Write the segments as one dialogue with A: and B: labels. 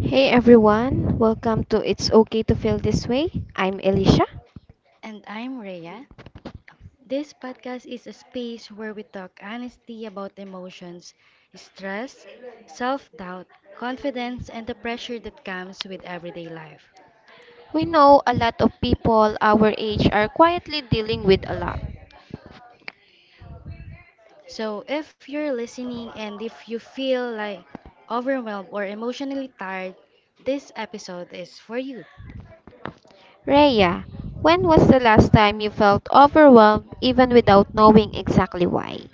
A: Hey everyone, welcome to It's Okay to Feel This Way. I'm Elisha.
B: And I'm Rhea. This podcast is a space where we talk honestly about emotions, stress, self doubt, confidence, and the pressure that comes with everyday life.
A: We know a lot of people our age are quietly dealing with a lot.
B: So, if you're listening and if you feel like overwhelmed or emotionally tired, this episode is for you.
A: Rhea, when was the last time you felt overwhelmed even without knowing exactly why?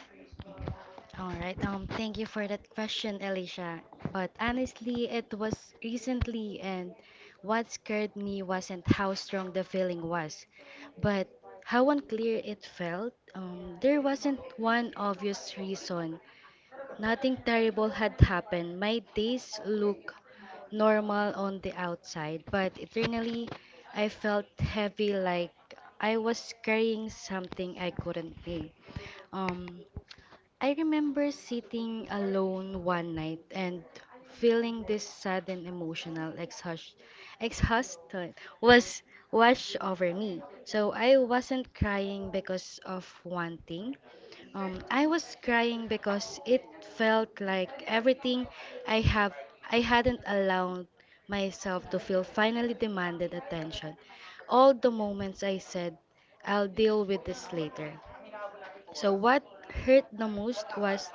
B: All right. Thank you for that question, Alicia. But honestly, it was recently, and what scared me wasn't how strong the feeling was, but how unclear it felt. There wasn't one obvious reason. Nothing terrible had happened. My days looked normal on the outside, but internally, I felt heavy, like I was carrying something I couldn't name. Um, I remember sitting alone one night and feeling this sudden emotional exhaust exhaustion was washed over me. So I wasn't crying because of one thing. I was crying because it felt like everything I have I hadn't allowed myself to feel finally demanded attention. All the moments I said I'll deal with this later, so what hurt the most was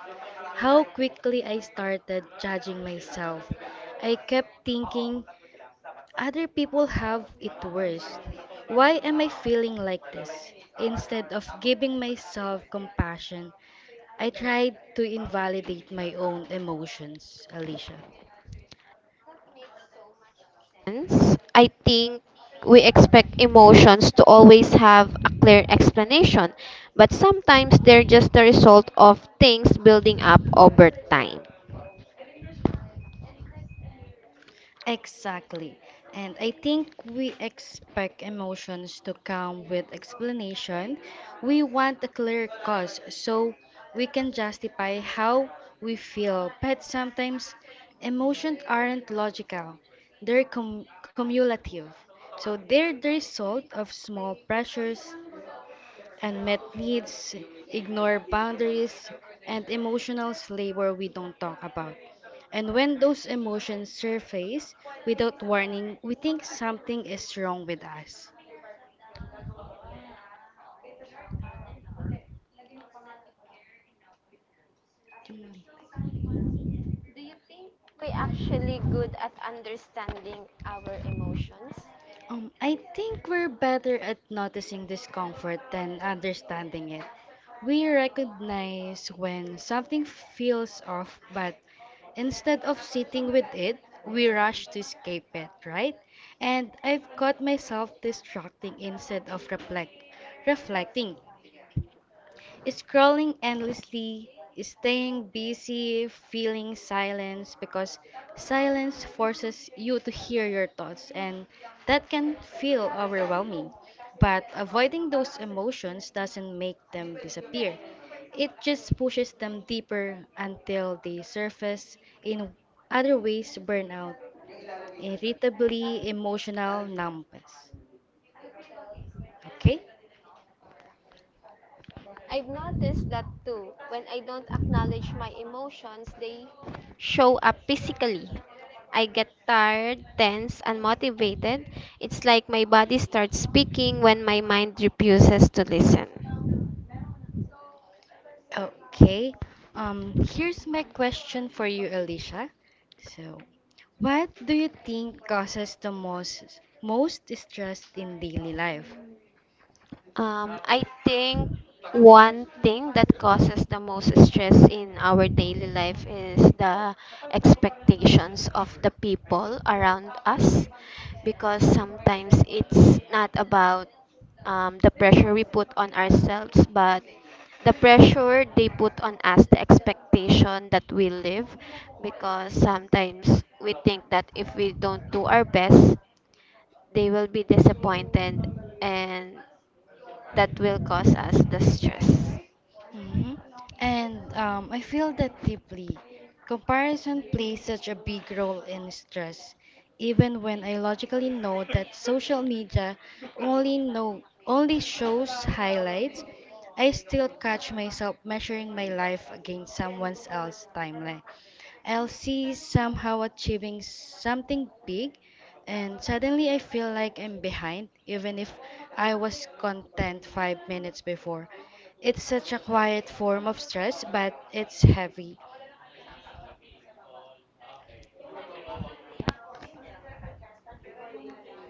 B: how quickly I started judging myself. I kept thinking, other people have it worse. Why am I feeling like this? Instead of giving myself compassion, I tried to invalidate my own emotions, Alicia.
A: Hence, I think we expect emotions to always have a clear explanation, but sometimes they're just the result of things building up over time.
B: Exactly. And I think we expect emotions to come with explanation. We want a clear cause so we can justify how we feel. But sometimes emotions aren't logical, they're cumulative. So they're the result of small pressures, unmet needs, ignore boundaries, and emotional labor we don't talk about. And when those emotions surface without warning, we think something is wrong with us. Mm.
A: We actually good at understanding our emotions.
B: I think we're better at noticing discomfort than understanding it. We recognize when something feels off, but instead of sitting with it, we rush to escape it, right? And I've caught myself distracting instead of reflecting. Scrolling endlessly, staying busy, feeling silence because silence forces you to hear your thoughts, and that can feel overwhelming. But avoiding those emotions doesn't make them disappear, it just pushes them deeper until they surface in other ways, burnout, irritability, emotional numbness. Okay?
A: I've noticed that too. When I don't acknowledge my emotions, they show up physically. I get tired, tense, unmotivated. It's like my body starts speaking when my mind refuses to listen.
B: Okay. Here's my question for you, Alicia. So, what do you think causes the most stress in daily life?
A: I think one thing that causes the most stress in our daily life is the expectations of the people around us because sometimes it's not about the pressure we put on ourselves, but the pressure they put on us, the expectation that we live, because sometimes we think that if we don't do our best, they will be disappointed and that will cause us the stress.
B: hmm And I feel that deeply. Comparison plays such a big role in stress, even when I logically know that social media only shows highlights. I still catch myself measuring my life against someone else's timeline. I'll see somehow achieving something big, and suddenly I feel like I'm behind, even if I was content 5 minutes before. It's such a quiet form of stress, but it's heavy.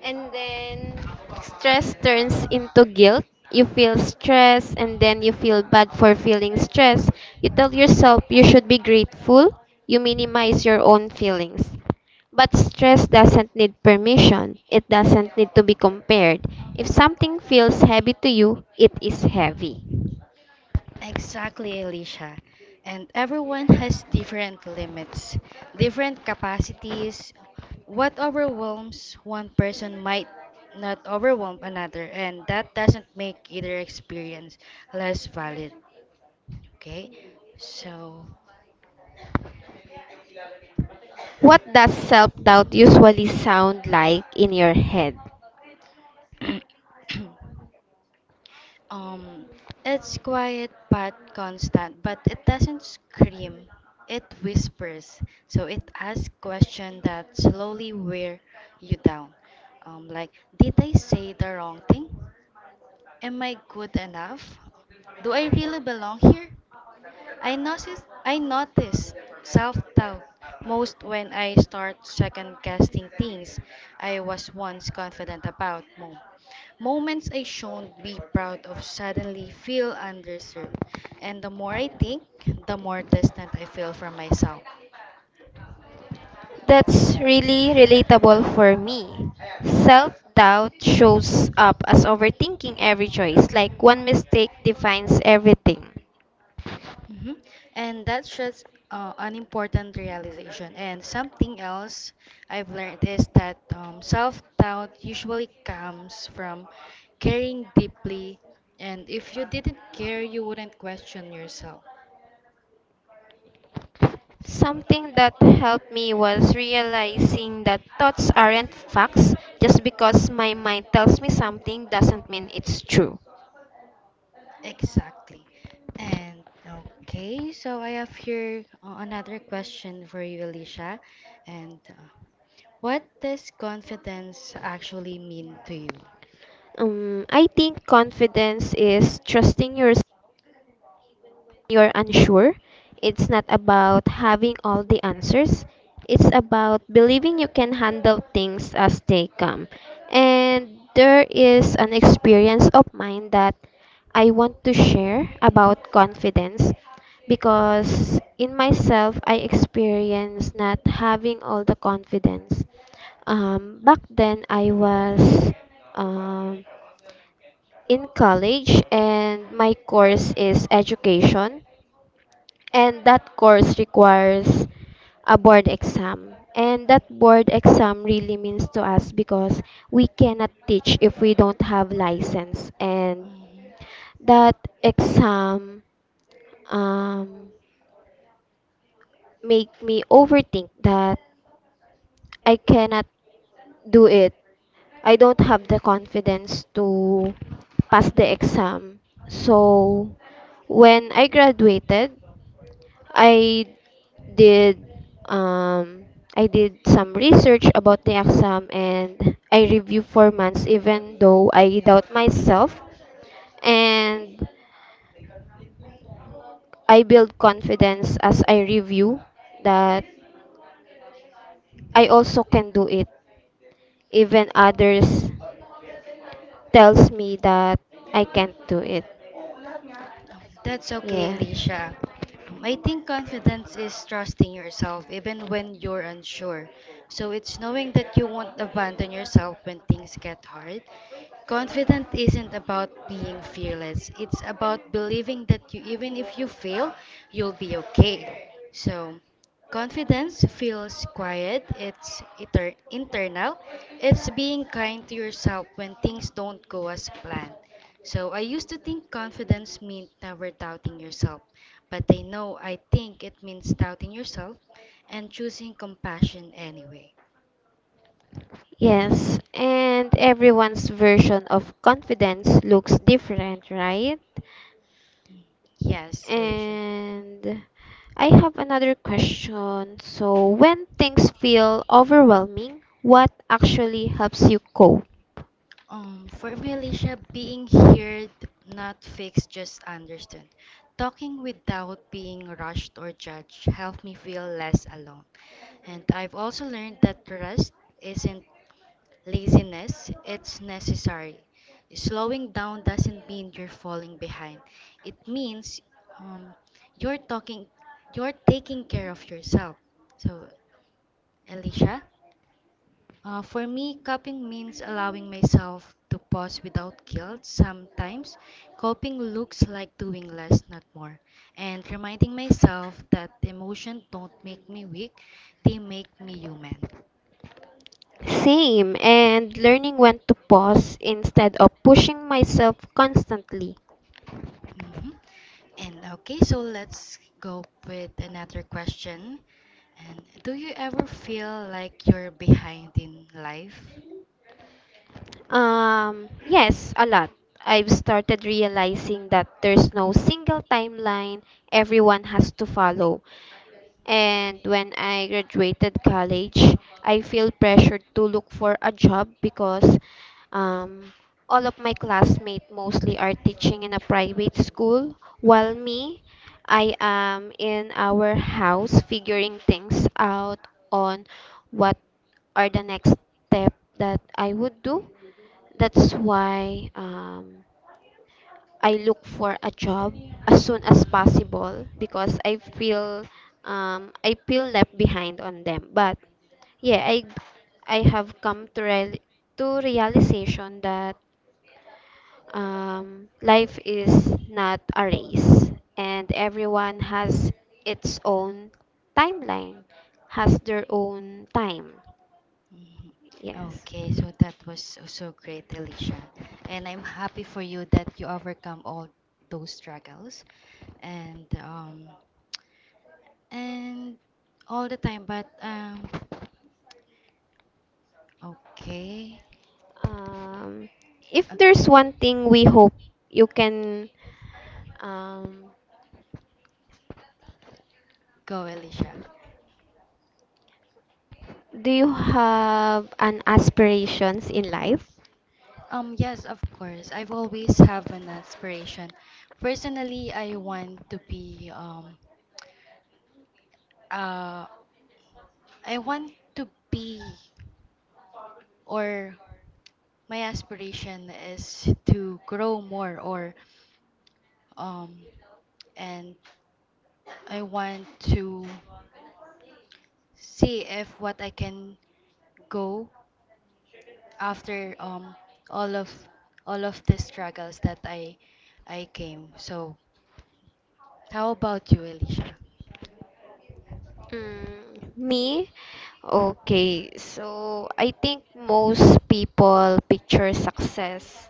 A: And then stress turns into guilt. You feel stress and then you feel bad for feeling stress. You tell yourself you should be grateful. You minimize your own feelings. But stress doesn't need permission. It doesn't need to be compared. If something feels heavy to you, it is heavy.
B: Exactly, Alicia. And everyone has different limits, different capacities. What overwhelms one person might not overwhelm another, and that doesn't make either experience less valid. Okay? So,
A: What does self doubt usually sound like in your head?
B: Um, it's quiet but constant, but it doesn't scream. It whispers, so it asks questions that slowly wear you down. Um, like, did I say the wrong thing? Am I good enough? Do I really belong here? I noticed self-doubt most when I start second-guessing things I was once confident about. Moments I shouldn't be proud of suddenly feel undeserved, and the more I think, the more distant I feel from myself.
A: That's really relatable for me. Self doubt shows up as overthinking every choice, like one mistake defines everything.
B: hmm And that's just an important realization. And something else I've learned is that self doubt usually comes from caring deeply. And if you didn't care, you wouldn't question yourself.
A: Something that helped me was realizing that thoughts aren't facts. Just because my mind tells me something doesn't mean it's true.
B: Exactly. And okay, so I have here another question for you, Alicia. And what does confidence actually mean to you?
A: I think confidence is trusting yourself you're unsure, it's not about having all the answers. It's about believing you can handle things as they come. And there is an experience of mine that I want to share about confidence because in myself I experienced not having all the confidence. Back then I was um, in college and my course is education and that course requires a board exam. And that board exam really means to us because we cannot teach if we don't have license. And
B: Mhm.
A: that exam um, make me overthink that I cannot do it. I don't have the confidence to pass the exam. So when I graduated, I did um some research about the exam and I reviewed for months even though I doubt myself and I build confidence as I review that I also can do it even others tells me that I can't do it.
B: That's okay,
A: Yeah.
B: Alicia. I think confidence is trusting yourself even when you're unsure. So it's knowing that you won't abandon yourself when things get hard. Confident isn't about being fearless. It's about believing that you even if you fail, you'll be okay. So, confidence feels quiet. It's internal. It's being kind to yourself when things don't go as planned. So I used to think confidence meant never doubting yourself, but I think it means doubting yourself and choosing compassion anyway.
A: Yes, and everyone's version of confidence looks different, right?
B: Mm. Yes, Alicia.
A: And I have another question. So, when things feel overwhelming, what actually helps you cope?
B: For me, Alicia, being heard, not fixed, just understood. Talking without being rushed or judged helped me feel less alone. And I've also learned that rest isn't laziness, it's necessary. Slowing down doesn't mean you're falling behind. It means um, you're talking, you're taking care of yourself. So, Alicia, for me, coping means allowing myself to pause without guilt. Sometimes, coping looks like doing less, not more, and reminding myself that emotions don't make me weak; they make me human.
A: Same, and learning when to pause instead of pushing myself constantly.
B: Mhm. And okay, so let's go with another question. And do you ever feel like you're behind in life?
A: Yes, a lot. I've started realizing that there's no single timeline everyone has to follow. And when I graduated college, I feel pressured to look for a job because um, all of my classmates mostly are teaching in a private school, while me, I am in our house figuring things out on what are the next step that I would do. That's why I look for a job as soon as possible because I feel left behind on them. But yeah, I have come to to realization that life is not a race and everyone has its own timeline, has their own time.
B: Mhm.
A: Yes.
B: Okay, so that was so great, Alicia. And I'm happy for you that you overcome all those struggles. And And all the time, but okay.
A: Um, if there's one thing we hope you can, um,
B: Go, Alicia.
A: do you have an aspirations in life?
B: Yes, of course. I've always have an aspiration. Personally, I want to be uh, I want to be or my aspiration is to grow more or um, and I want to see if what I can go after all of all of the struggles that I came. So how about you, Alicia?
A: Mm, me? Okay, so I think most people picture success,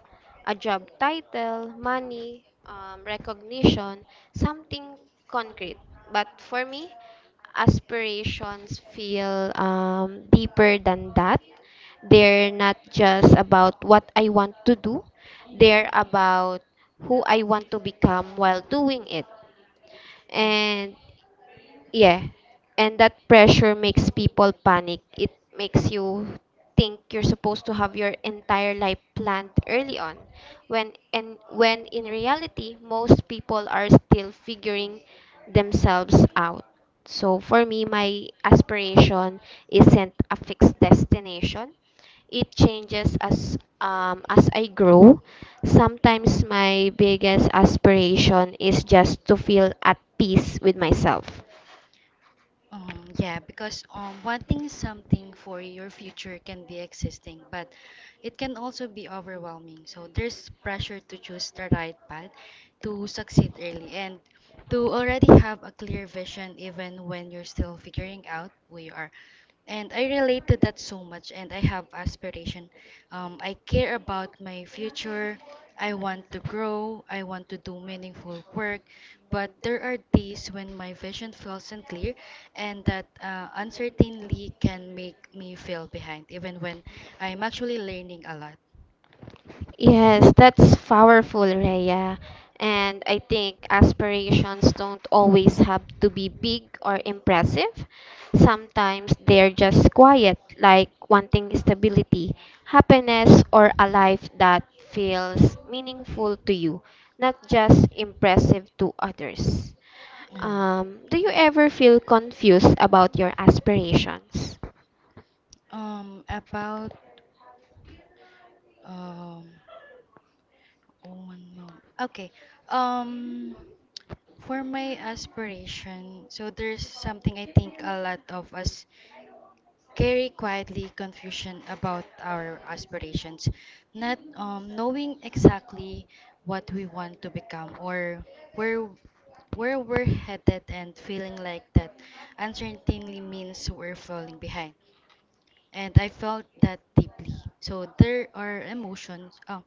A: a job title, money, recognition, something concrete. But for me, aspirations feel deeper than that. They're not just about what I want to do, they're about who I want to become while doing it. And
B: Mm.
A: yeah. And that pressure makes people panic. It makes you think you're supposed to have your entire life planned early on when in reality most people are still figuring themselves out. So for me my aspiration isn't a fixed destination. It changes as I grow. Sometimes my biggest aspiration is just to feel at peace with myself.
B: Yeah, because wanting something for your future can be existing, but it can also be overwhelming. So there's pressure to choose the right path to succeed early and to already have a clear vision even when you're still figuring out who you are. And I relate to that so much, and I have aspiration. I care about my future. I want to grow. I want to do meaningful work. But there are days when my vision feels unclear, and that uncertainty can make me feel behind, even when I'm actually learning a lot.
A: Yes, that's powerful, Rhea. And I think aspirations don't always have to be big or impressive. Sometimes they're just quiet, like wanting stability, happiness, or a life that feels meaningful to you, not just impressive to others.
B: Mm.
A: Do you ever feel confused about your aspirations?
B: About um, oh, one moment. Okay. Um, for my aspiration, so there's something I think a lot of us carry quietly, confusion about our aspirations, not knowing exactly what we want to become or where where we're headed and feeling like that uncertainty means we're falling behind, and I felt that deeply. So there are emotions.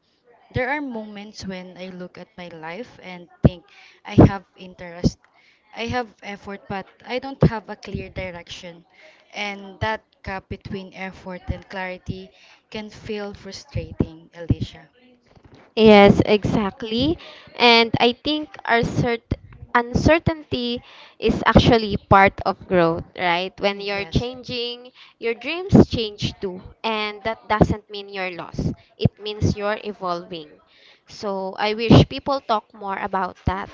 B: There are moments when I look at my life and think I have interest, I have effort, but I don't have a clear direction, and that gap between effort and clarity can feel frustrating, Alicia.
A: Yes, exactly. And I think our cert uncertainty is actually part of growth, right? When you're changing, your dreams change too. And that doesn't mean you're lost. It means you're evolving. So I wish people talk more about that,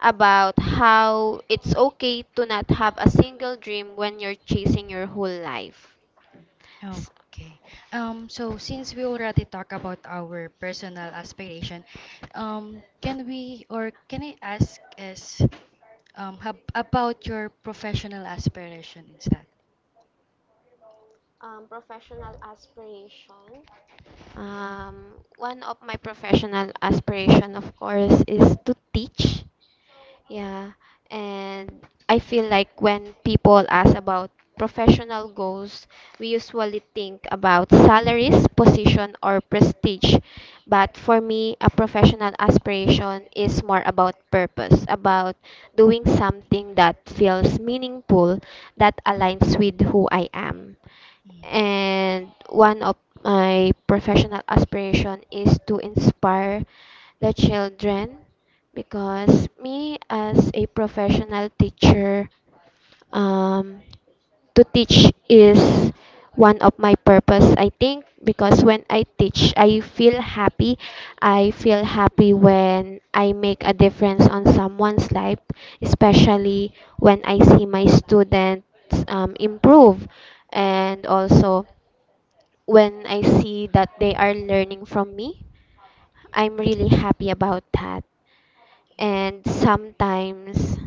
A: about how it's okay to not have a single dream when you're chasing your whole life. S-
B: Okay. So since we already talked about our personal aspiration, can we, or can I ask, is about your professional aspiration instead?
A: Professional aspiration. One of my professional aspiration, of course, is to teach. Yeah, and I feel like when people ask about professional goals, we usually think about salaries, position, or prestige. But for me, a professional aspiration is more about purpose, about doing something that feels meaningful, that aligns with who I am.
B: Mm.
A: And one of my professional aspiration is to inspire the children because me as a professional teacher, um, to teach is one of my purpose I think because when I teach I feel happy. I feel happy when I make a difference on someone's life, especially when I see my students improve, and also when I see that they are learning from me I'm really happy about that. And sometimes,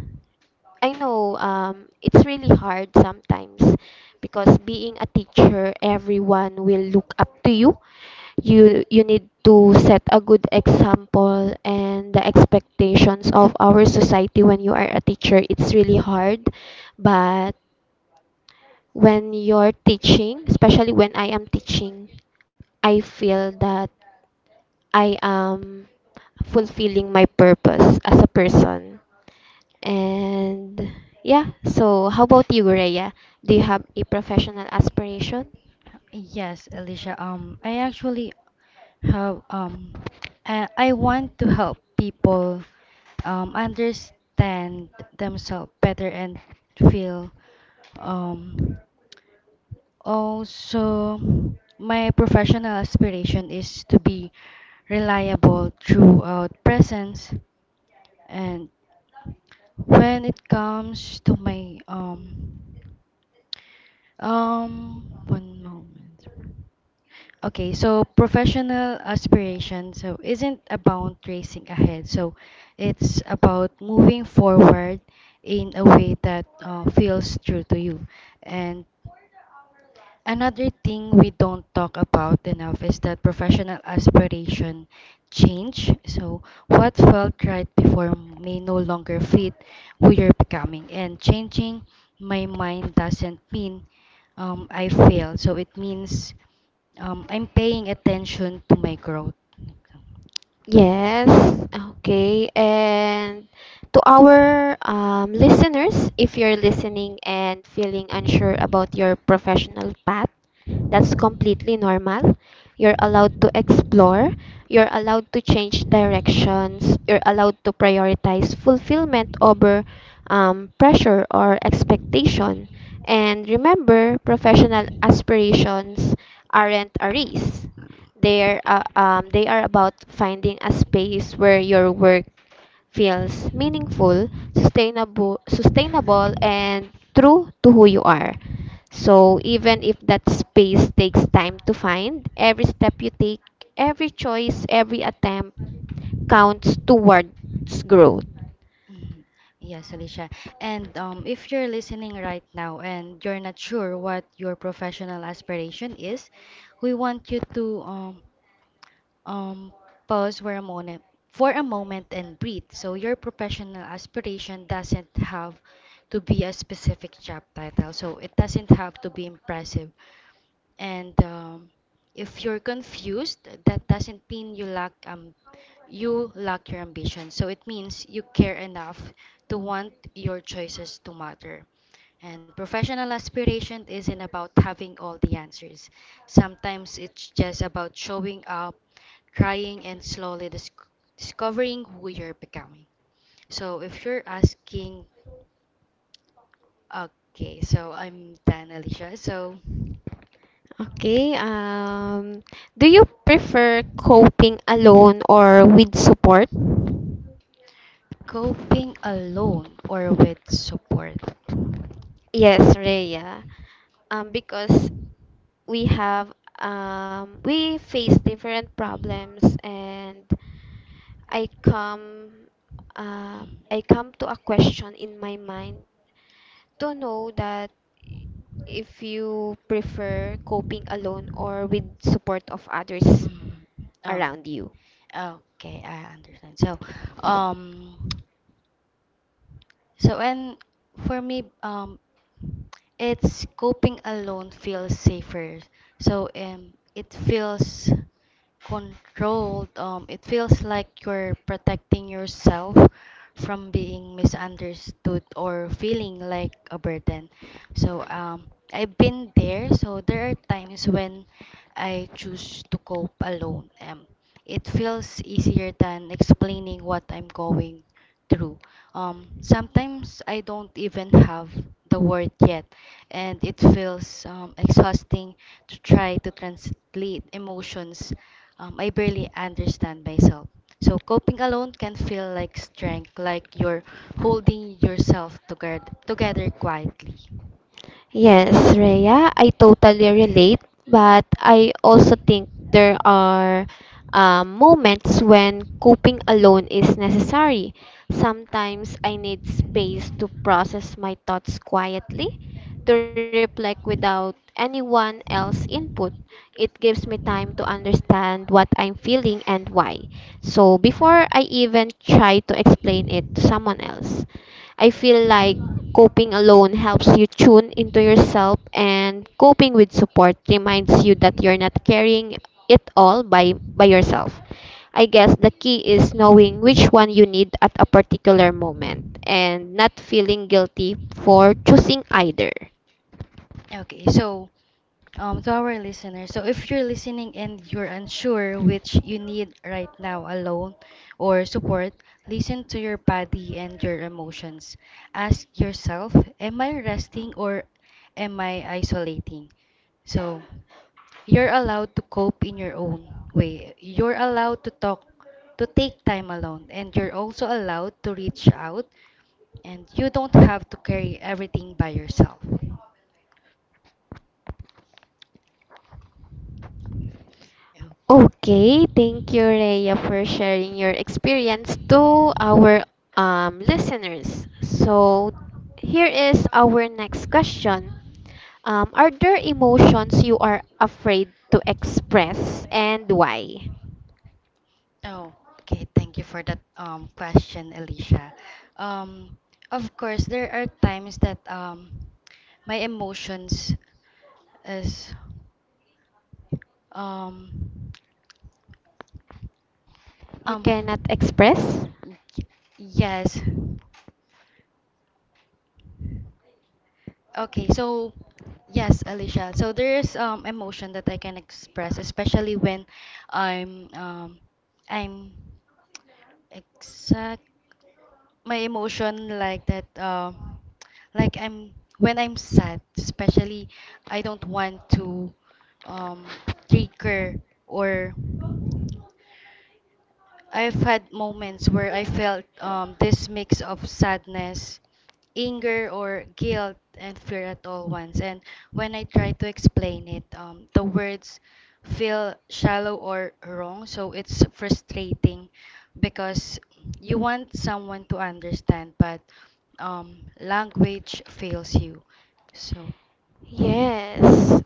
A: I know it's really hard sometimes because being a teacher, everyone will look up to you. You need to set a good example, and the expectations of our society when you are a teacher, it's really hard. But when you're teaching, especially when I am teaching, I feel that I am fulfilling my purpose as a person. And yeah, so how about you, Rhea? Do you have a professional aspiration?
B: Yes, Alicia. I actually have I want to help people understand themselves better and feel um also, my professional aspiration is to be reliable throughout presence and when it comes to my one moment. Okay, so professional aspiration so isn't about racing ahead. So it's about moving forward in a way that feels true to you and another thing we don't talk about enough is that professional aspiration change. So what felt right before may no longer fit who you're becoming. And changing my mind doesn't mean I fail. So it means I'm paying attention to my growth.
A: Yes, okay. And to our listeners, if you're listening and feeling unsure about your professional path, that's completely normal. You're allowed to explore, you're allowed to change directions, you're allowed to prioritize fulfillment over pressure or expectation. And remember, professional aspirations aren't a race. They're, they are about finding a space where your work feels meaningful, sustainable and true to who you are. So even if that space takes time to find, every step you take, every choice, every attempt counts towards growth.
B: Mhm. Yes, Alicia. And if you're listening right now and you're not sure what your professional aspiration is, we want you to Um, pause for a moment and breathe. So your professional aspiration doesn't have to be a specific job title. So it doesn't have to be impressive. And if you're confused, that doesn't mean you lack your ambition. So it means you care enough to want your choices to matter. And professional aspiration isn't about having all the answers. Sometimes it's just about showing up, trying, and slowly discovering who you're becoming. So if you're asking, okay, so I'm done, Alicia. So.
A: Okay, do you prefer coping alone or with support?
B: Coping alone or with support?
A: Yes, Rhea. Because we have we face different problems and I come uh, I come to a question in my mind to know that if you prefer coping alone
B: Mm.
A: or with
B: mm,
A: support of others
B: Mm.
A: around
B: Okay.
A: you.
B: Okay, I understand. So, um, so, and for me, it's coping alone feels safer. So, it feels controlled. It feels like you're protecting yourself from being misunderstood or feeling like a burden. So, I've been there. So, there are times when I choose to cope alone. It feels easier than explaining what I'm going. True. Sometimes I don't even have the word yet, and it feels exhausting to try to translate emotions I barely understand myself. So coping alone can feel like strength, like you're holding yourself together, together quietly.
A: Yes, Rhea, I totally relate, but I also think there are moments when coping alone is necessary. Sometimes I need space to process my thoughts quietly, to reflect without anyone else input. It gives me time to understand what I'm feeling and why. So before I even try to explain it to someone else. I feel like coping alone helps you tune into yourself, and coping with support reminds you that you're not carrying it all by yourself. I guess the key is knowing which one you need at a particular moment and not feeling guilty for choosing either.
B: Okay, so to our listeners. So if you're listening and you're unsure which you need right now, alone or support, listen to your body and your emotions. Ask yourself, am I resting or am I isolating? So you're allowed to cope in your own way. You're allowed to talk, to take time alone, and you're also allowed to reach out and you don't have to carry everything by yourself.
A: Okay, thank you, Rhea, for sharing your experience to our listeners. So, here is our next question. Are there emotions you are afraid to express and why?
B: Oh, okay. Thank you for that question, Alicia. Um, of course, there are times that my emotions is um
A: You
B: um
A: cannot express?
B: y- yes. Okay, so yes, Alicia. So there's emotion that I can express, especially when I'm um I'm exact my emotion like that like I'm when I'm sad, especially I don't want to um trigger or I've had moments where I felt this mix of sadness, anger, or guilt and fear at all once. And when I try to explain it, the words feel shallow or wrong. So it's frustrating because you want someone to understand, but language fails you. So,
A: Yes.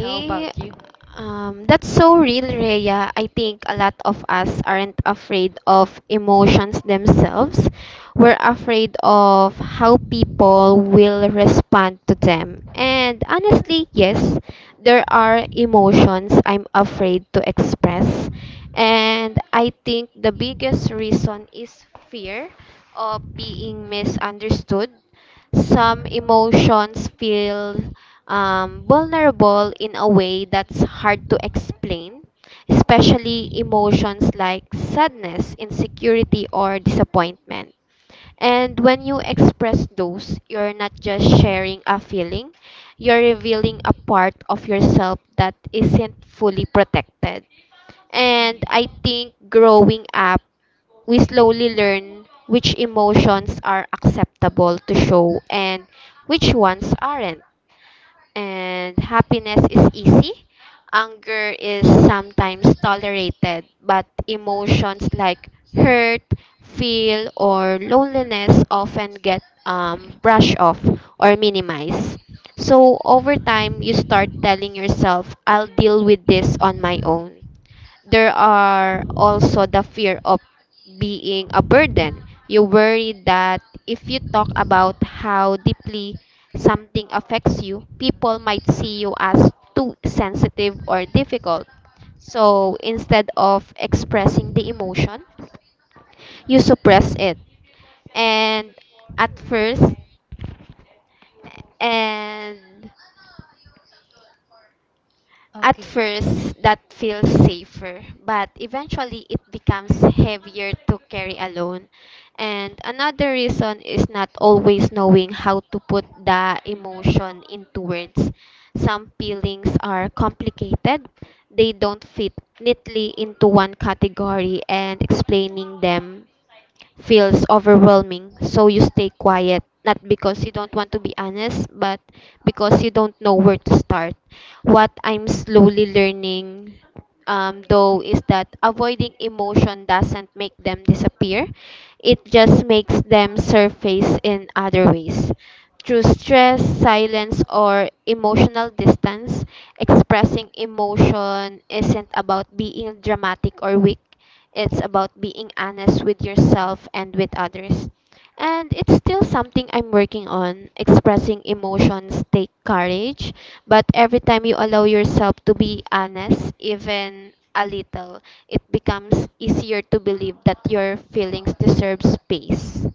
B: how about you?
A: That's so real, Rhea. I think a lot of us aren't afraid of emotions themselves. We're afraid of how people will respond to them. And honestly, yes, there are emotions I'm afraid to express. And I think the biggest reason is fear of being misunderstood. Some emotions feel vulnerable in a way that's hard to explain, especially emotions like sadness, insecurity, or disappointment. And when you express those, you're not just sharing a feeling, you're revealing a part of yourself that isn't fully protected. And I think growing up, we slowly learn which emotions are acceptable to show and which ones aren't, and happiness is easy. Anger is sometimes tolerated, but emotions like hurt, feel, or loneliness often get brushed off or minimized. So over time, you start telling yourself, I'll deal with this on my own. There are also the fear of being a burden. You worry that if you talk about how deeply something affects you, people might see you as too sensitive or difficult. So instead of expressing the emotion, you suppress it. And at first, and At
B: Okay.
A: first, that feels safer, but eventually it becomes heavier to carry alone. And another reason is not always knowing how to put the emotion into words. Some feelings are complicated, they don't fit neatly into one category, and explaining them feels overwhelming, so you stay quiet, not because you don't want to be honest, but because you don't know where to start. What I'm slowly learning, though, is that avoiding emotion doesn't make them disappear, it just makes them surface in other ways. Through stress, silence, or emotional distance, expressing emotion isn't about being dramatic or weak. It's about being honest with yourself and with others. And it's still something I'm working on. Expressing emotions take courage, but every time you allow yourself to be honest, even a little, it becomes easier to believe that your feelings deserve space.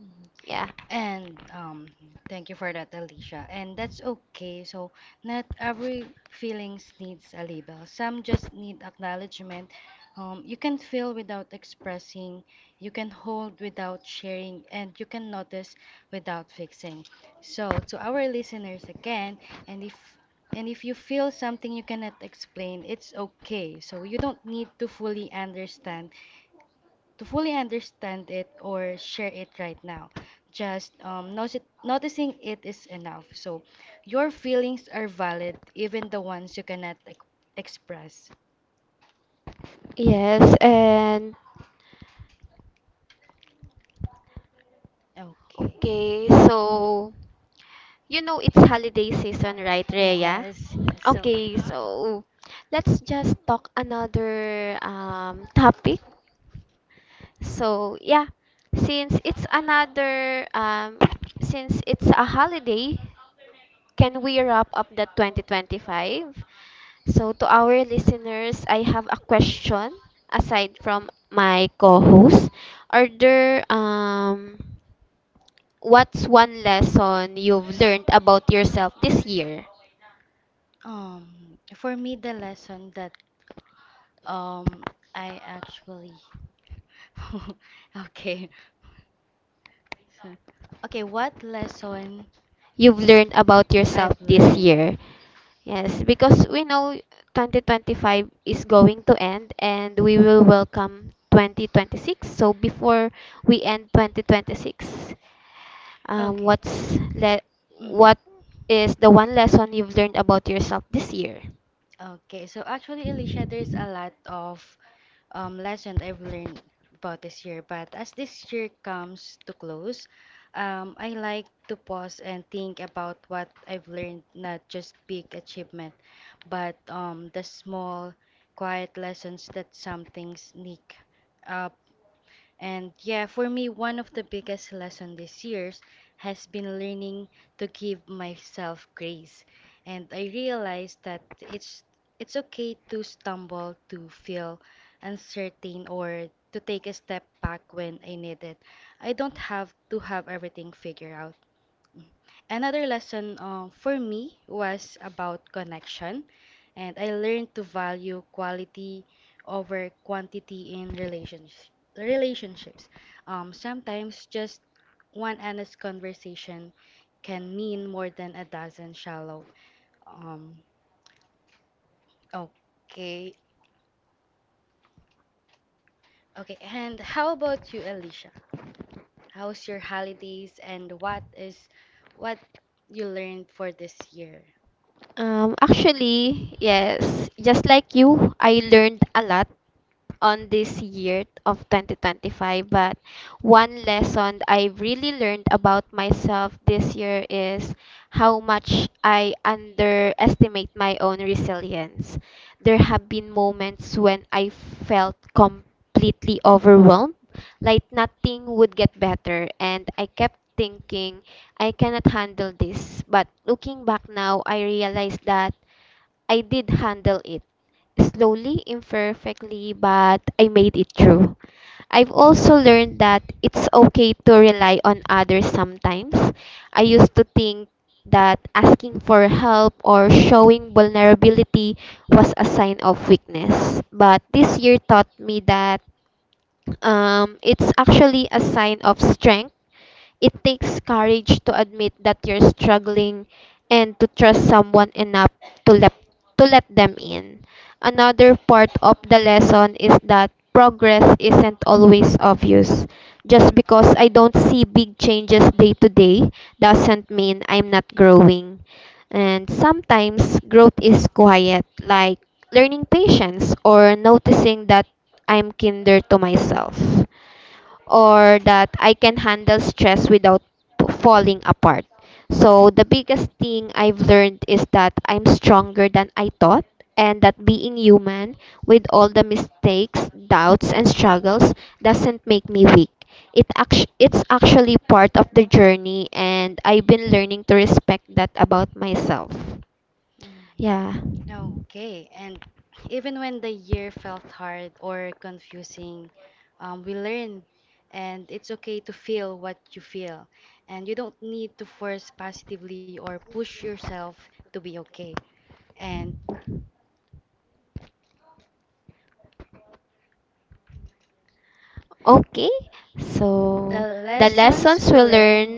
B: Mhm.
A: Yeah.
B: And thank you for that, Alicia. And that's okay. So not every feelings needs a label. Some just need acknowledgement. You can feel without expressing. You can hold without sharing, and you can notice without fixing. So to our listeners again, and if and if you feel something you cannot explain, it's okay. So you don't need to fully understand it or share it right now. Just noticing it is enough. So your feelings are valid, even the ones you cannot ex- express.
A: Yes, and
B: Okay.
A: okay, so you know it's holiday season, right, Rhea?
B: Yes, so
A: Okay, so let's just talk another topic. So yeah, since it's another um, since it's a holiday, can we wrap up the 2025? So to our listeners, I have a question aside from my co-host. Are there What's one lesson you've learned about yourself this year?
B: For me, the lesson that um I actually okay. So, okay, what lesson
A: You've learned about yourself
B: I've
A: this
B: learned?
A: year. Yes, because we know 2025 is going to end and we will welcome 2026. So before we end 2026, um,
B: Okay.
A: what's le-
B: Mhm.
A: what is the one lesson you've learned about yourself this year?
B: Okay, so actually, Alicia, there's a lot of lesson I've learned about this year, but as this year comes to close, I like to pause and think about what I've learned, not just big achievement, but the small, quiet lessons that some things sneak up. And yeah, for me, one of the biggest lessons this year's has been learning to give myself grace. And I realized that it's okay to stumble, to feel uncertain, or to take a step back when I need it. I don't have to have everything figured out. Another lesson for me was about connection, and I learned to value quality over quantity in relationships. Sometimes just one honest conversation can mean more than a dozen shallow. Um, okay, okay. And how about you, Alicia? How's your holidays, and what is what you learned for this year?
A: Actually, yes, just like you, I learned a lot on this year of 2025, but one lesson I really learned about myself this year is how much I underestimate my own resilience. There have been moments when I felt completely overwhelmed, like nothing would get better, and I kept thinking I cannot handle this. But looking back now, I realized that I did handle it. Slowly, imperfectly, but I made it through. I've also learned that it's okay to rely on others sometimes. I used to think that asking for help or showing vulnerability was a sign of weakness. But this year taught me that it's actually a sign of strength, it takes courage to admit that you're struggling and to trust someone enough to let, to let them in. Another part of the lesson is that progress isn't always obvious. Just because I don't see big changes day to day doesn't mean I'm not growing. And sometimes growth is quiet, like learning patience or noticing that I'm kinder to myself or that I can handle stress without falling apart. So, the biggest thing I've learned is that I'm stronger than I thought, and that being human, with all the mistakes, doubts, and struggles, doesn't make me weak. It's actually part of the journey, and I've been learning to respect that about myself.
B: Mhm.
A: Yeah.
B: Okay, and even when the year felt hard or confusing, we learn, and it's okay to feel what you feel, and you don't need to force positively or push yourself to be okay. And
A: Okay, so
B: the
A: the the
B: lessons we
A: lessons we learn
B: learn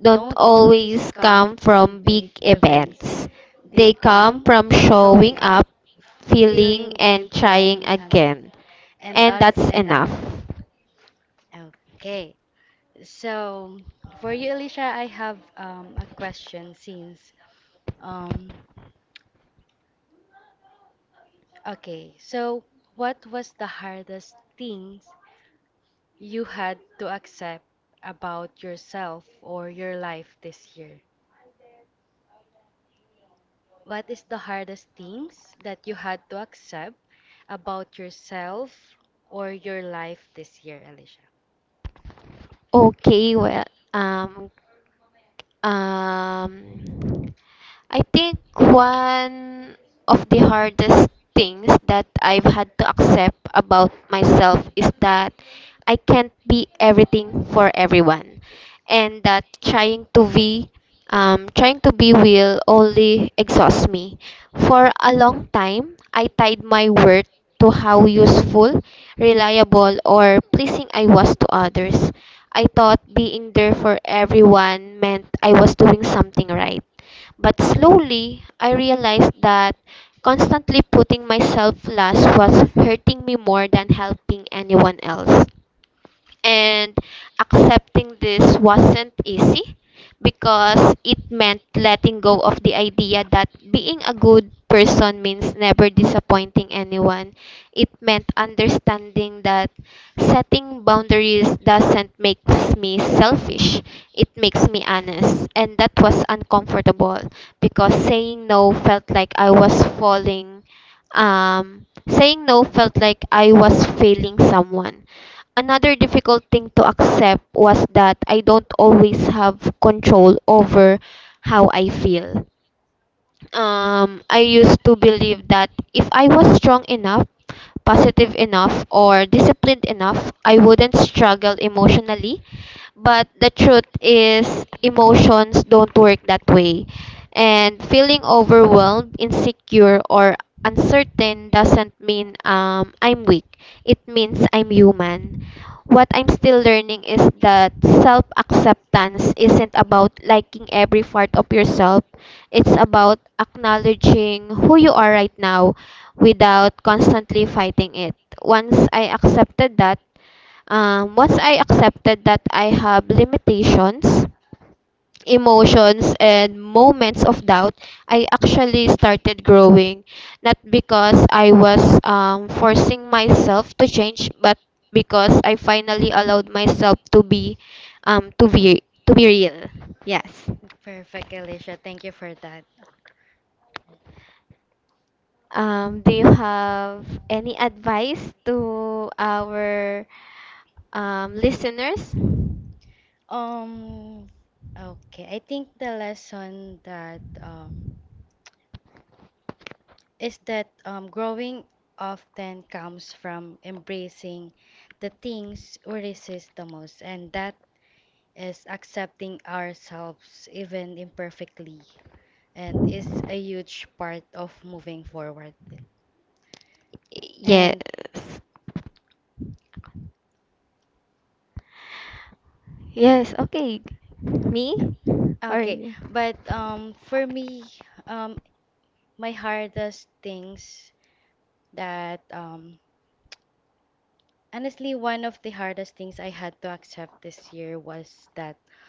A: don't
B: don't always
A: always come
B: come
A: come
B: from
A: from
B: big
A: big
B: events,
A: events.
B: they
A: They
B: come
A: come from
B: from
A: from
B: showing
A: showing
B: up,
A: up, feeling,
B: feeling, and
A: and trying
B: trying
A: trying
B: again,
A: again. and
B: and
A: And
B: that's
A: that's
B: enough.
A: enough.
B: Okay. So, for you, Alicia, I have a question since, um, okay, so what was the hardest things you had to accept about yourself or your life this year? What is the hardest things that you had to accept about yourself or your life this year, Alicia?
A: Okay, well, um, um, I think one of the hardest things that I've had to accept about myself is that I can't be everything for everyone, and that trying to be, will only exhaust me. For a long time, I tied my worth to how useful, reliable, or pleasing I was to others. I thought being there for everyone meant I was doing something right, but slowly, I realized that constantly putting myself last was hurting me more than helping anyone else. And accepting this wasn't easy because it meant letting go of the idea that being a good person means never disappointing anyone. It meant understanding that setting boundaries doesn't make me selfish, it makes me honest. And that was uncomfortable because saying no felt like I was falling. Saying no felt like I was failing someone. Another difficult thing to accept was that I don't always have control over how I feel. I used to believe that if I was strong enough, positive enough, or disciplined enough, I wouldn't struggle emotionally. But the truth is, emotions don't work that way. And feeling overwhelmed, insecure, or uncertain doesn't mean I'm weak. It means I'm human. What I'm still learning is that self acceptance isn't about liking every part of yourself. It's about acknowledging who you are right now without constantly fighting it. Once I accepted that, Once I accepted that I have limitations, emotions, and moments of doubt, I actually started growing. Not because I was forcing myself to change, but because I finally allowed myself to be, to be real. Yes.
B: Perfect, Alicia. Thank you for that.
A: Do you have any advice to our listeners?
B: Um, okay, I think the lesson that is that growing often comes from embracing the things we resist the most, and that is accepting ourselves even imperfectly, and is a huge part of moving forward. And
A: Yes. Yes, okay. Me or
B: okay,
A: you?
B: but for me, um, my hardest things that honestly, one of the hardest things I had to accept this year was that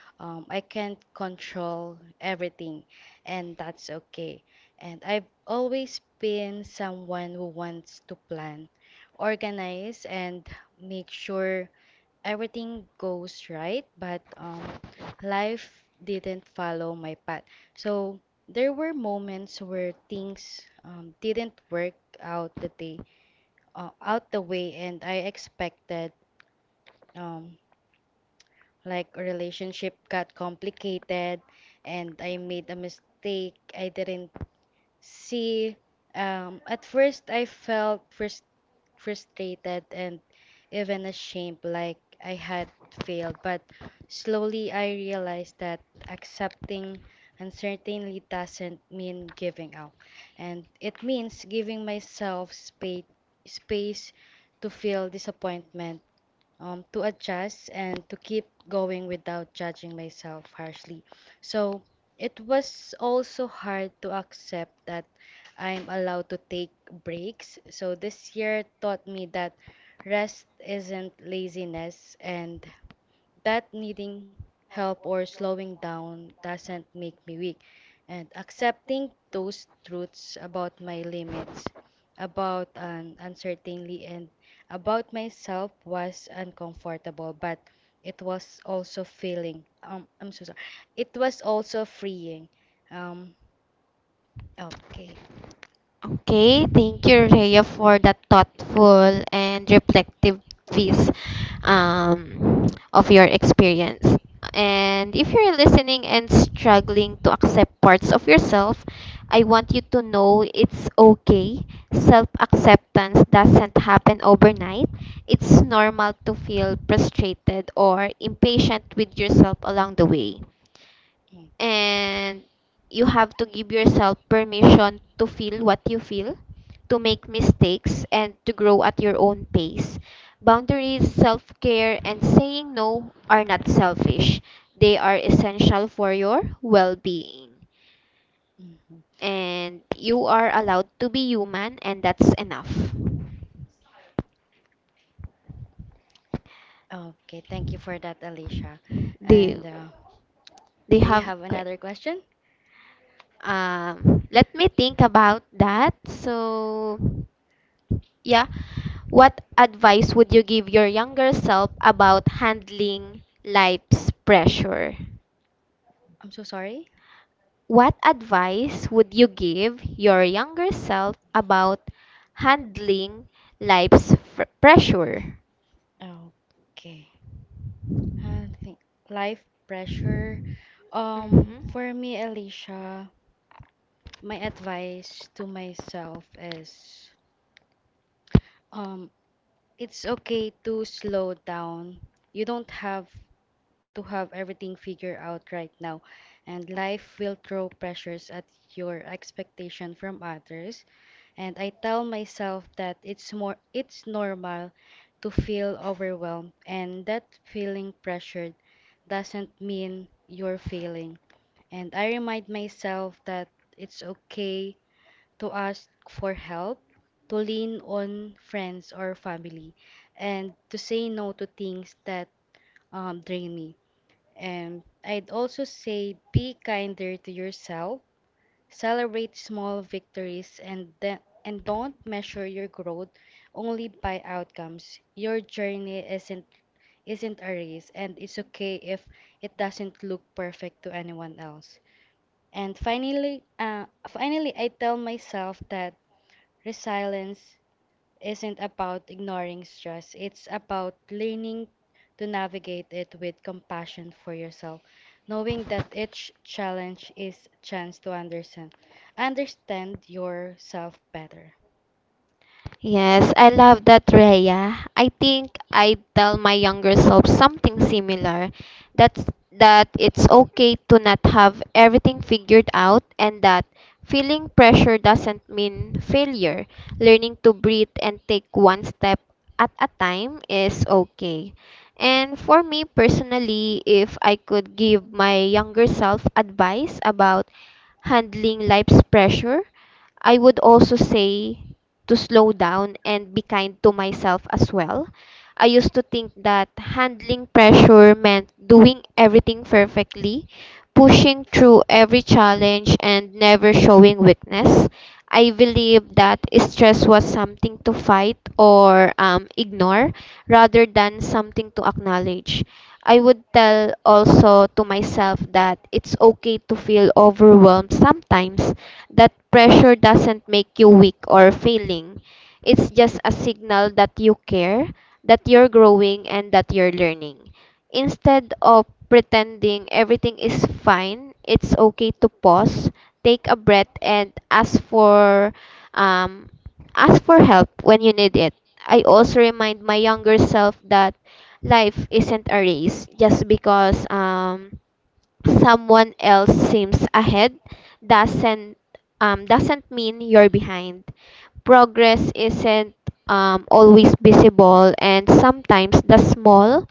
B: I can't control everything, and that's okay. And I've always been someone who wants to plan, organize, and make sure everything goes right, but life didn't follow my path. So there were moments where things didn't work out the way, and I expected um like relationship got complicated and I made a mistake I didn't see. At first I felt frustrated and even ashamed like I had failed, but slowly I realized that accepting uncertainty doesn't mean giving up and it means giving myself space to feel disappointment, to adjust and to keep going without judging myself harshly. So it was also hard to accept that I'm allowed to take breaks. So this year taught me that rest isn't laziness and that needing help or slowing down doesn't make me weak. And accepting those truths about my limits, about an uncertainty, and about myself was uncomfortable, but it was also feeling. I'm so sorry. It was also freeing. Um, okay.
A: Okay, thank you, Rhea, for that thoughtful and reflective piece um, of your experience. And if you're listening and struggling to accept parts of yourself, I want you to know it's okay. Self acceptance doesn't happen overnight. It's normal to feel frustrated or impatient with yourself along the way,
B: Okay.
A: and you have to give yourself permission to feel what you feel, to make mistakes, and to grow at your own pace. Boundaries, self care, and saying no are not selfish, they are essential for your well being.
B: Mhm.
A: And you are allowed to be human, and that's enough.
B: Okay. Thank you for that, Alicia.
A: They,
B: And
A: they
B: do you
A: have.
B: have
A: que-
B: another question?
A: Let me think about that. So, yeah. What advice would you give your younger self about handling life's pressure?
B: I'm so sorry.
A: What advice would you give your younger self about handling pressure?
B: Okay. I think life pressure.
A: Mhm.
B: For me, Alicia, my advice to myself is, um, it's okay to slow down. You don't have to have everything figured out right now, and life will throw pressures at your expectation from others. And I tell myself that it's normal to feel overwhelmed and that feeling pressured doesn't mean you're failing. And I remind myself that it's okay to ask for help, to lean on friends or family, and to say no to things that drain me. And I'd also say be kinder to yourself. Celebrate small victories, and then and don't measure your growth only by outcomes. Your journey isn't a race and it's okay if it doesn't look perfect to anyone else. And finally, finally I tell myself that resilience isn't about ignoring stress. It's about learning to navigate it with compassion for yourself, knowing that each challenge is chance to understand yourself better.
A: Yes, I love that, Rhea. I think I'd tell my younger self something similar. That's that it's okay to not have everything figured out and that feeling pressure doesn't mean failure. Learning to breathe and take one step at a time is okay. And for me personally, if I could give my younger self advice about handling life's pressure, I would also say to slow down and be kind to myself as well. I used to think that handling pressure meant doing everything perfectly, pushing through every challenge, and never showing weakness. I believed that stress was something to fight or ignore rather than something to acknowledge. I would tell also to myself that it's okay to feel overwhelmed sometimes, that pressure doesn't make you weak or failing. It's just a signal that you care, that you're growing, and that you're learning. Instead of pretending everything is fine, it's okay to pause, take a breath, and um, ask for help when you need it. I also remind my younger self that life isn't a race, just because someone else seems ahead doesn't doesn't mean you're behind. Progress isn't always visible, and sometimes the small,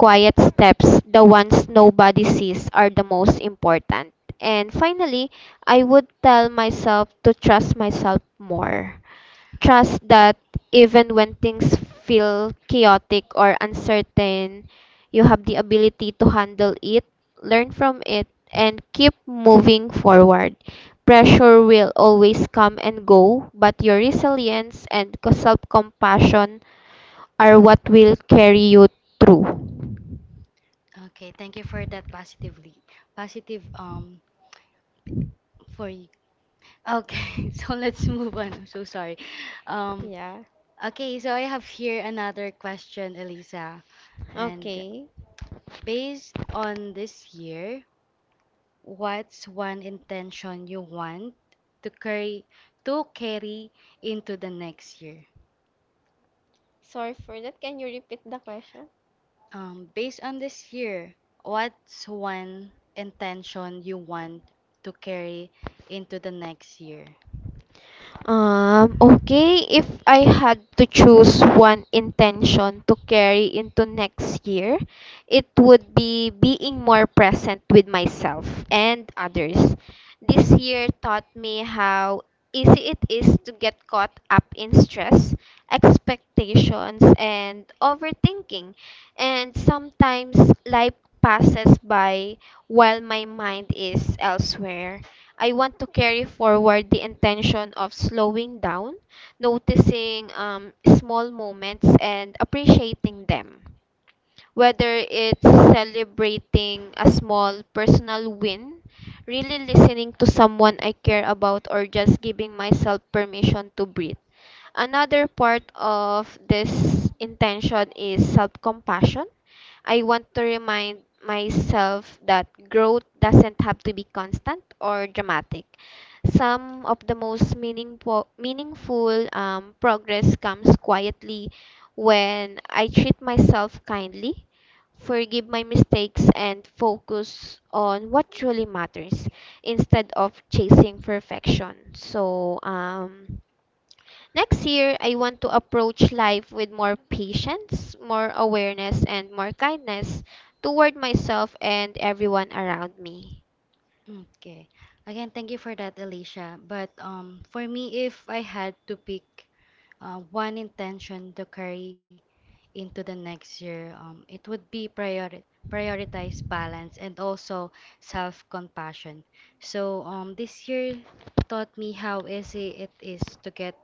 A: quiet steps, the ones nobody sees, are the most important. And finally, I would tell myself to trust myself more. Trust that even when things feel chaotic or uncertain, you have the ability to handle it, learn from it, and keep moving forward. Pressure will always come and go, but your resilience and self compassion are what will carry you through.
B: Okay, thank you for that positive for you. Okay, so let's move on. I'm so sorry. Um
A: Yeah.
B: okay, so I have here another question, Elisa. And
A: Okay.
B: based on this year, what's one intention you want to carry into the next year?
A: Sorry for that. Can you repeat the question?
B: Based on this year, what's one intention you want to carry into the next year?
A: Okay, if I had to choose one intention to carry into next year, it would be being more present with myself and others. This year taught me how easy it is to get caught up in stress, expectations, and overthinking. And sometimes life passes by while my mind is elsewhere. I want to carry forward the intention of slowing down, noticing small moments, and appreciating them. Whether it's celebrating a small personal win, really listening to someone I care about, or just giving myself permission to breathe. Another part of this intention is self compassion. I want to remind myself that growth doesn't have to be constant or dramatic. Some of the most meaningful progress comes quietly, when I treat myself kindly, forgive my mistakes, and focus on what truly matters instead of chasing perfection. Next year, I want to approach life with more patience, more awareness, and more kindness toward myself and everyone around me.
B: Okay. Again, thank you for that, Alicia. But for me, if I had to pick one intention to carry into the next year, it would be prioritize balance and also self-compassion. So this year taught me how easy it is to get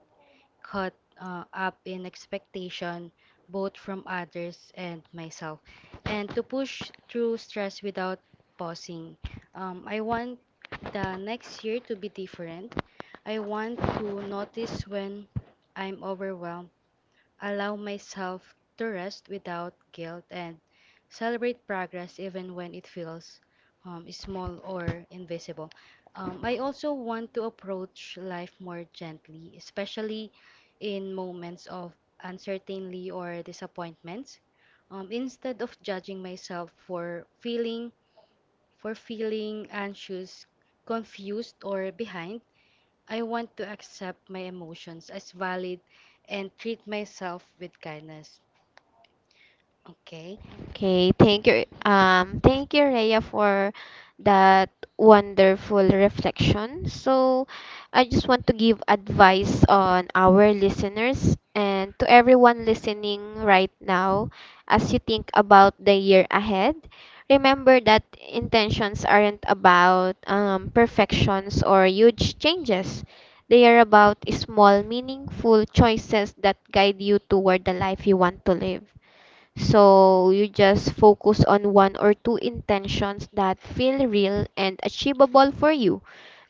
B: caught up in expectation, both from others and myself, and to push through stress without pausing. I want the next year to be different. I want to notice when I'm overwhelmed, allow myself to rest without guilt, and celebrate progress even when it feels small or invisible. I also want to approach life more gently, especially in moments of uncertainty or disappointments. Instead of judging myself for feeling anxious, confused, or behind, I want to accept my emotions as valid and treat myself with kindness. Okay?
A: Okay, thank you. Thank you, Rhea, for that wonderful reflection. So, I just want to give advice on our listeners and to everyone listening right now as you think about the year ahead. Remember that intentions aren't about perfections or huge changes. They are about small, meaningful choices that guide you toward the life you want to live. So you just focus on one or two intentions that feel real and achievable for you.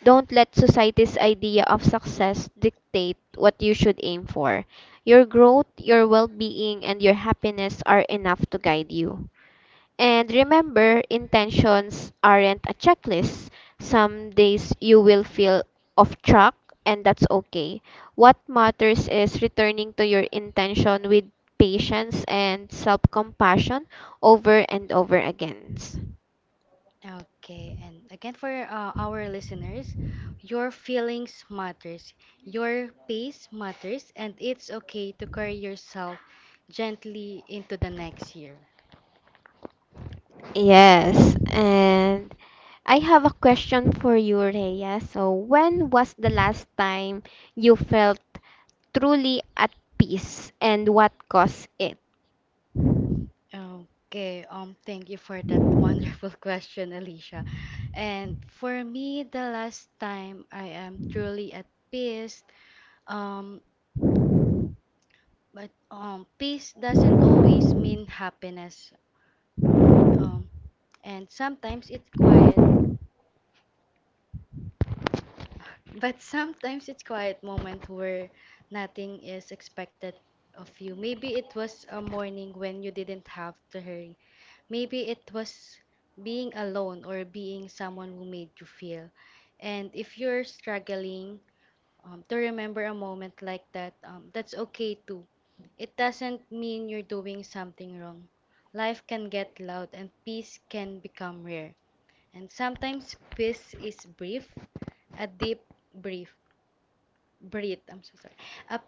A: Don't let society's idea of success dictate what you should aim for. Your growth, your well being, and your happiness are enough to guide you. And remember, intentions aren't a checklist. Some days you will feel off track, and that's okay. What matters is returning to your intention with patience and self compassion over and over again.
B: Okay. And again for our listeners, your feelings matters. Your pace matters and it's okay to carry yourself gently into the next year.
A: Yes, and I have a question for you, Rhea. So, when was the last time you felt truly at peace and what caused it?
B: Okay, thank you for that wonderful question, Alicia. And for me, the last time I am truly at peace, um, but peace doesn't always mean happiness. Um, and sometimes it's quiet, but sometimes it's quiet moment where nothing is expected of you. Maybe it was a morning when you didn't have to hurry. Maybe it was being alone or being someone who made you feel. And if you're struggling to remember a moment like that, that's okay too. It doesn't mean you're doing something wrong. Life can get loud and peace can become rare. And sometimes peace is brief, a deep brief breath. I'm so sorry. A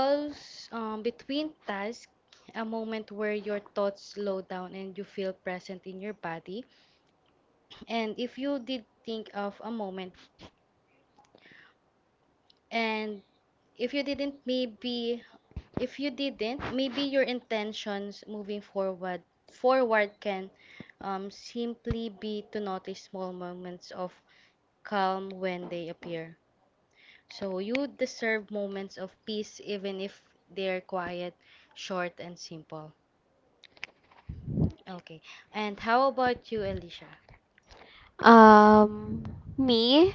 B: pause between tasks, a moment where your thoughts slow down and you feel present in your body. And if you did think of a moment and if you didn't, maybe your intentions moving forward can simply be to notice small moments of calm when they appear. So you deserve moments of peace even if they're quiet, short, and simple. Okay. And how about you, Alicia?
A: Um, me,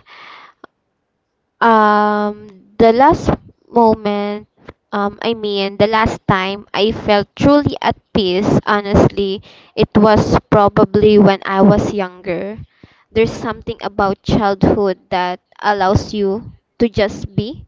A: Um, the last moment, the last time I felt truly at peace, honestly, it was probably when I was younger. There's something about childhood that allows you to just be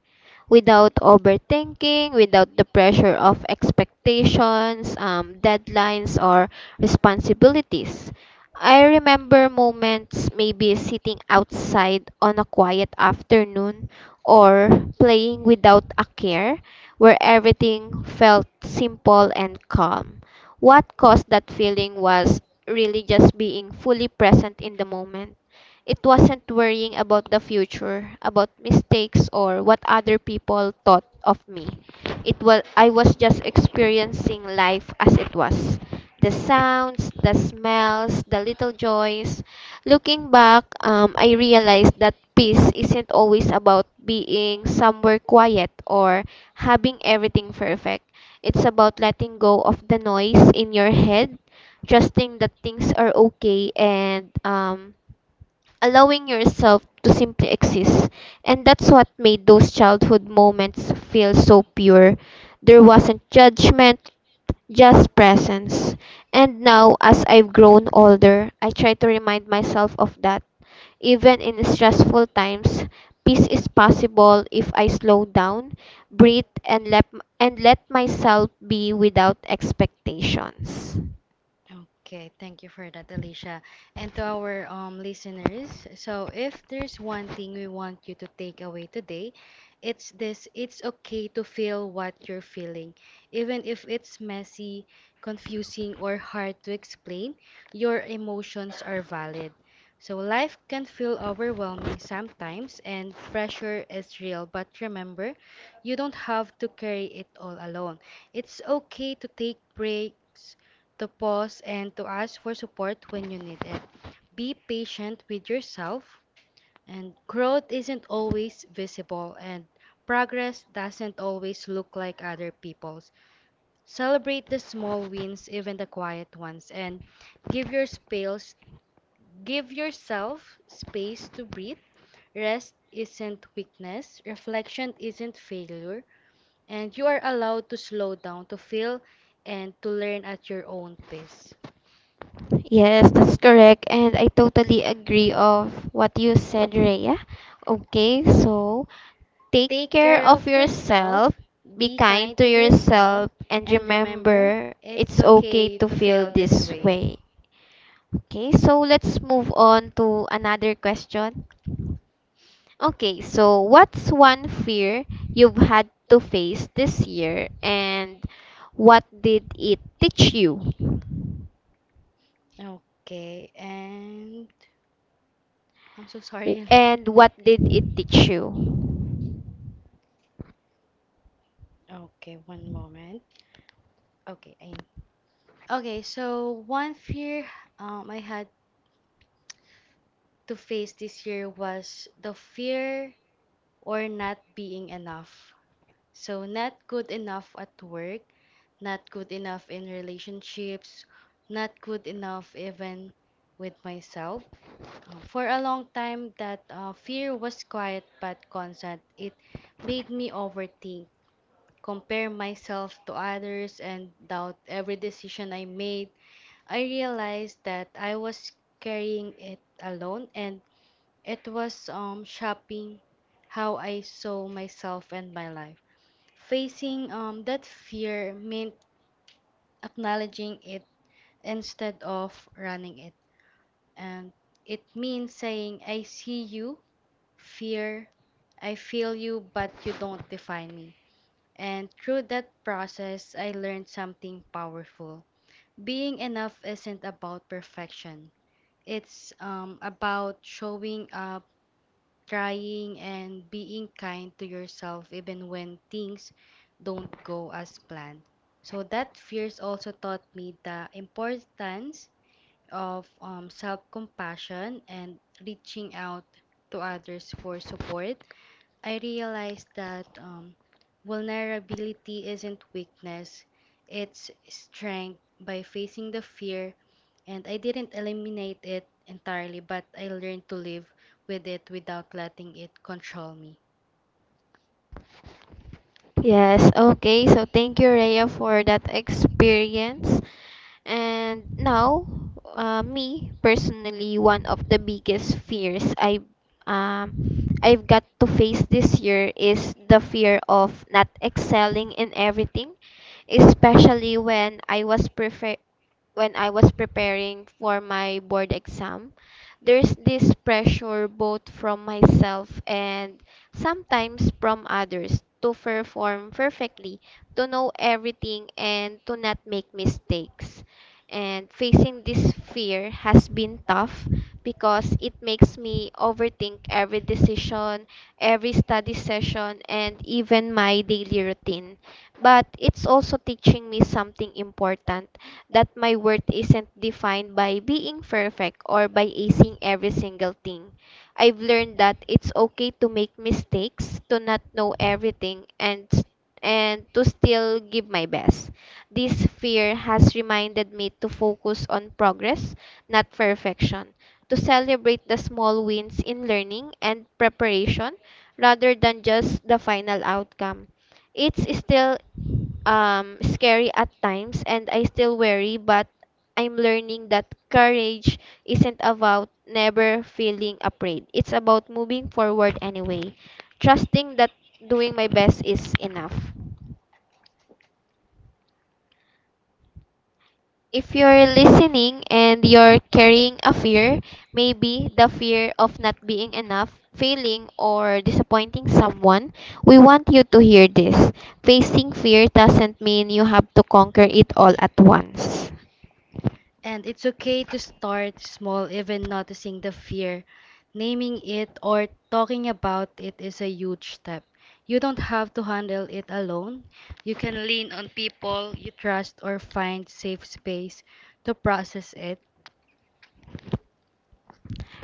A: without overthinking, without the pressure of expectations, deadlines, or responsibilities. I remember moments maybe sitting outside on a quiet afternoon or playing without a care where everything felt simple and calm. What caused that feeling was really just being fully present in the moment. It wasn't worrying about the future, about mistakes or what other people thought of me. It was I was just experiencing life as it was, the sounds, the smells, the little joys. Looking back, I realized that peace isn't always about being somewhere quiet or having everything perfect. It's about letting go of the noise in your head, trusting that things are okay, and allowing yourself to simply exist. And that's what made those childhood moments feel so pure. There wasn't judgment, just presence. And now, as I've grown older, I try to remind myself of that. Even in stressful times, peace is possible if I slow down, breathe, and let myself be without expectations.
B: Okay, thank you for that, Alicia. And to our listeners, so if there's one thing we want you to take away today, it's this, it's okay to feel what you're feeling. Even if it's messy, confusing, or hard to explain, your emotions are valid. So life can feel overwhelming sometimes and pressure is real, but remember, you don't have to carry it all alone. It's okay to take breaks, to pause, and to ask for support when you need it. Be patient with yourself, and growth isn't always visible, and progress doesn't always look like other people's. Celebrate the small wins, even the quiet ones, and give your space, give yourself space to breathe. Rest isn't weakness, reflection isn't failure, and you are allowed to slow down to feel and to learn at your own pace.
A: Yes, that's correct. And I totally agree of what you said, Rhea. Okay, so take
B: Take
A: care
B: care
A: of
B: of
A: yourself,
B: yourself,
A: be
B: be
A: kind
B: kind
A: to
B: to yourself,
A: yourself, and
B: and remember,
A: remember it's
B: it's
A: okay
B: okay
A: to
B: to
A: feel
B: feel this
A: this
B: way.
A: way. Okay, so let's move on to another question. Okay, so what's one fear you've had to face this year, and what did it teach you?
B: Okay, and I'm so sorry.
A: And what did it teach you?
B: Okay, one moment. Okay, I okay. So one fear I had to face this year was the fear or not being enough. So, not good enough at work, not good enough in relationships, not good enough even with myself. For a long time, that fear was quiet but constant. It made me overthink, compare myself to others, and doubt every decision I made. I realized that I was carrying it alone, and it was shaping how I saw myself and my life. Facing that fear meant acknowledging it instead of running it. And it means saying, I see you, fear, I feel you, but you don't define me. And through that process, I learned something powerful. Being enough isn't about perfection, it's about showing up, trying and being kind to yourself even when things don't go as planned. So that fears also taught me the importance of self-compassion and reaching out to others for support. I realized that vulnerability isn't weakness, it's strength by facing the fear, and I didn't eliminate it entirely, but I learned to live with it without letting it control me.
A: Yes, okay. So thank you, Rhea, for that experience. And now, me personally, one of the biggest fears um I've got to face this year is the fear of not excelling in everything, especially when I was preparing for my board exam, there's this pressure both from myself and sometimes from others to perform perfectly, to know everything, and to not make mistakes. And facing this fear has been tough because it makes me overthink every decision, every study session, and even my daily routine. But it's also teaching me something important, that my worth isn't defined by being perfect or by acing every single thing. I've learned that it's okay to make mistakes, to not know everything, and to still give my best. This fear has reminded me to focus on progress, not perfection, to celebrate the small wins in learning and preparation rather than just the final outcome. It's still scary at times and I still worry, but I'm learning that courage isn't about never feeling afraid. It's about moving forward anyway, trusting that doing my best is enough. If you're listening and you're carrying a fear, maybe the fear of not being enough, failing, or disappointing someone, we want you to hear this. Facing fear doesn't mean you have to conquer it all at once.
B: And it's okay to start small, even noticing the fear. Naming it or talking about it is a huge step. You don't have to handle it alone. You can lean on people you trust or find safe space to process it.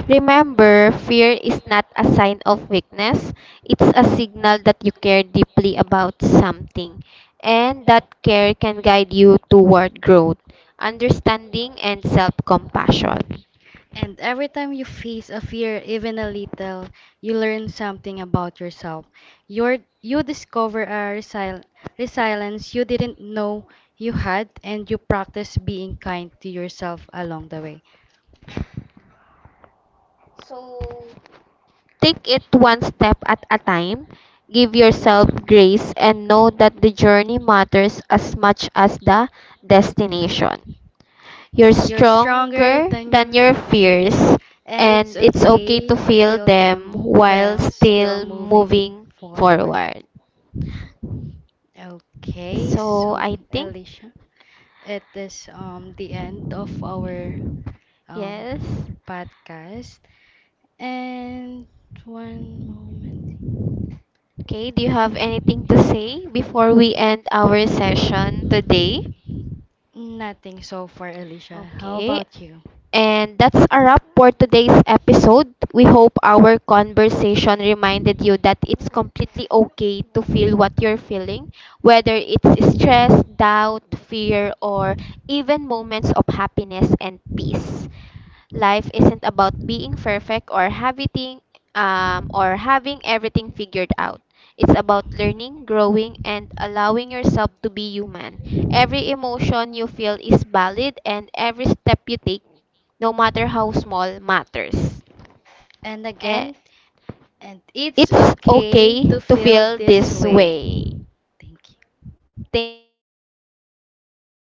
A: Remember, fear is not a sign of weakness. It's a signal that you care deeply about something, and that care can guide you toward growth, understanding, and self compassion.
B: And every time you face a fear, even a little, you learn something about yourself. You discover a resilience you didn't know you had, and you practice being kind to yourself along the way.
A: So, take it one step at a time. Give yourself grace and know that the journey matters as much as the destination. You're
B: You're stronger
A: stronger
B: than
A: than
B: your
A: your fears,
B: fears, and it's
A: and it's okay
B: okay
A: to
B: to
A: feel
B: feel
A: them
B: them
A: while
B: while still
A: still
B: moving
A: moving
B: forward.
A: forward.
B: Okay,
A: So,
B: so
A: I think,
B: Alicia, it is the end of our
A: yes.
B: podcast. And one moment.
A: Okay, do you have anything to say before we end our session today?
B: Nothing so far, Alicia. How
A: Okay,
B: about you?
A: and that's a wrap for today's episode. We hope our conversation reminded you that it's completely okay to feel what you're feeling, whether it's stress, doubt, fear, or even moments of happiness and peace. Life isn't about being perfect or having everything figured out. It's about learning, growing, and allowing yourself to be human. Every emotion you feel is valid, and every step you take, no matter how small, matters.
B: And
A: Eh,
B: again, and it's
A: it's
B: okay
A: okay
B: to
A: to
B: feel
A: feel
B: this
A: this
B: way.
A: way.
B: Thank you.
A: Thank you.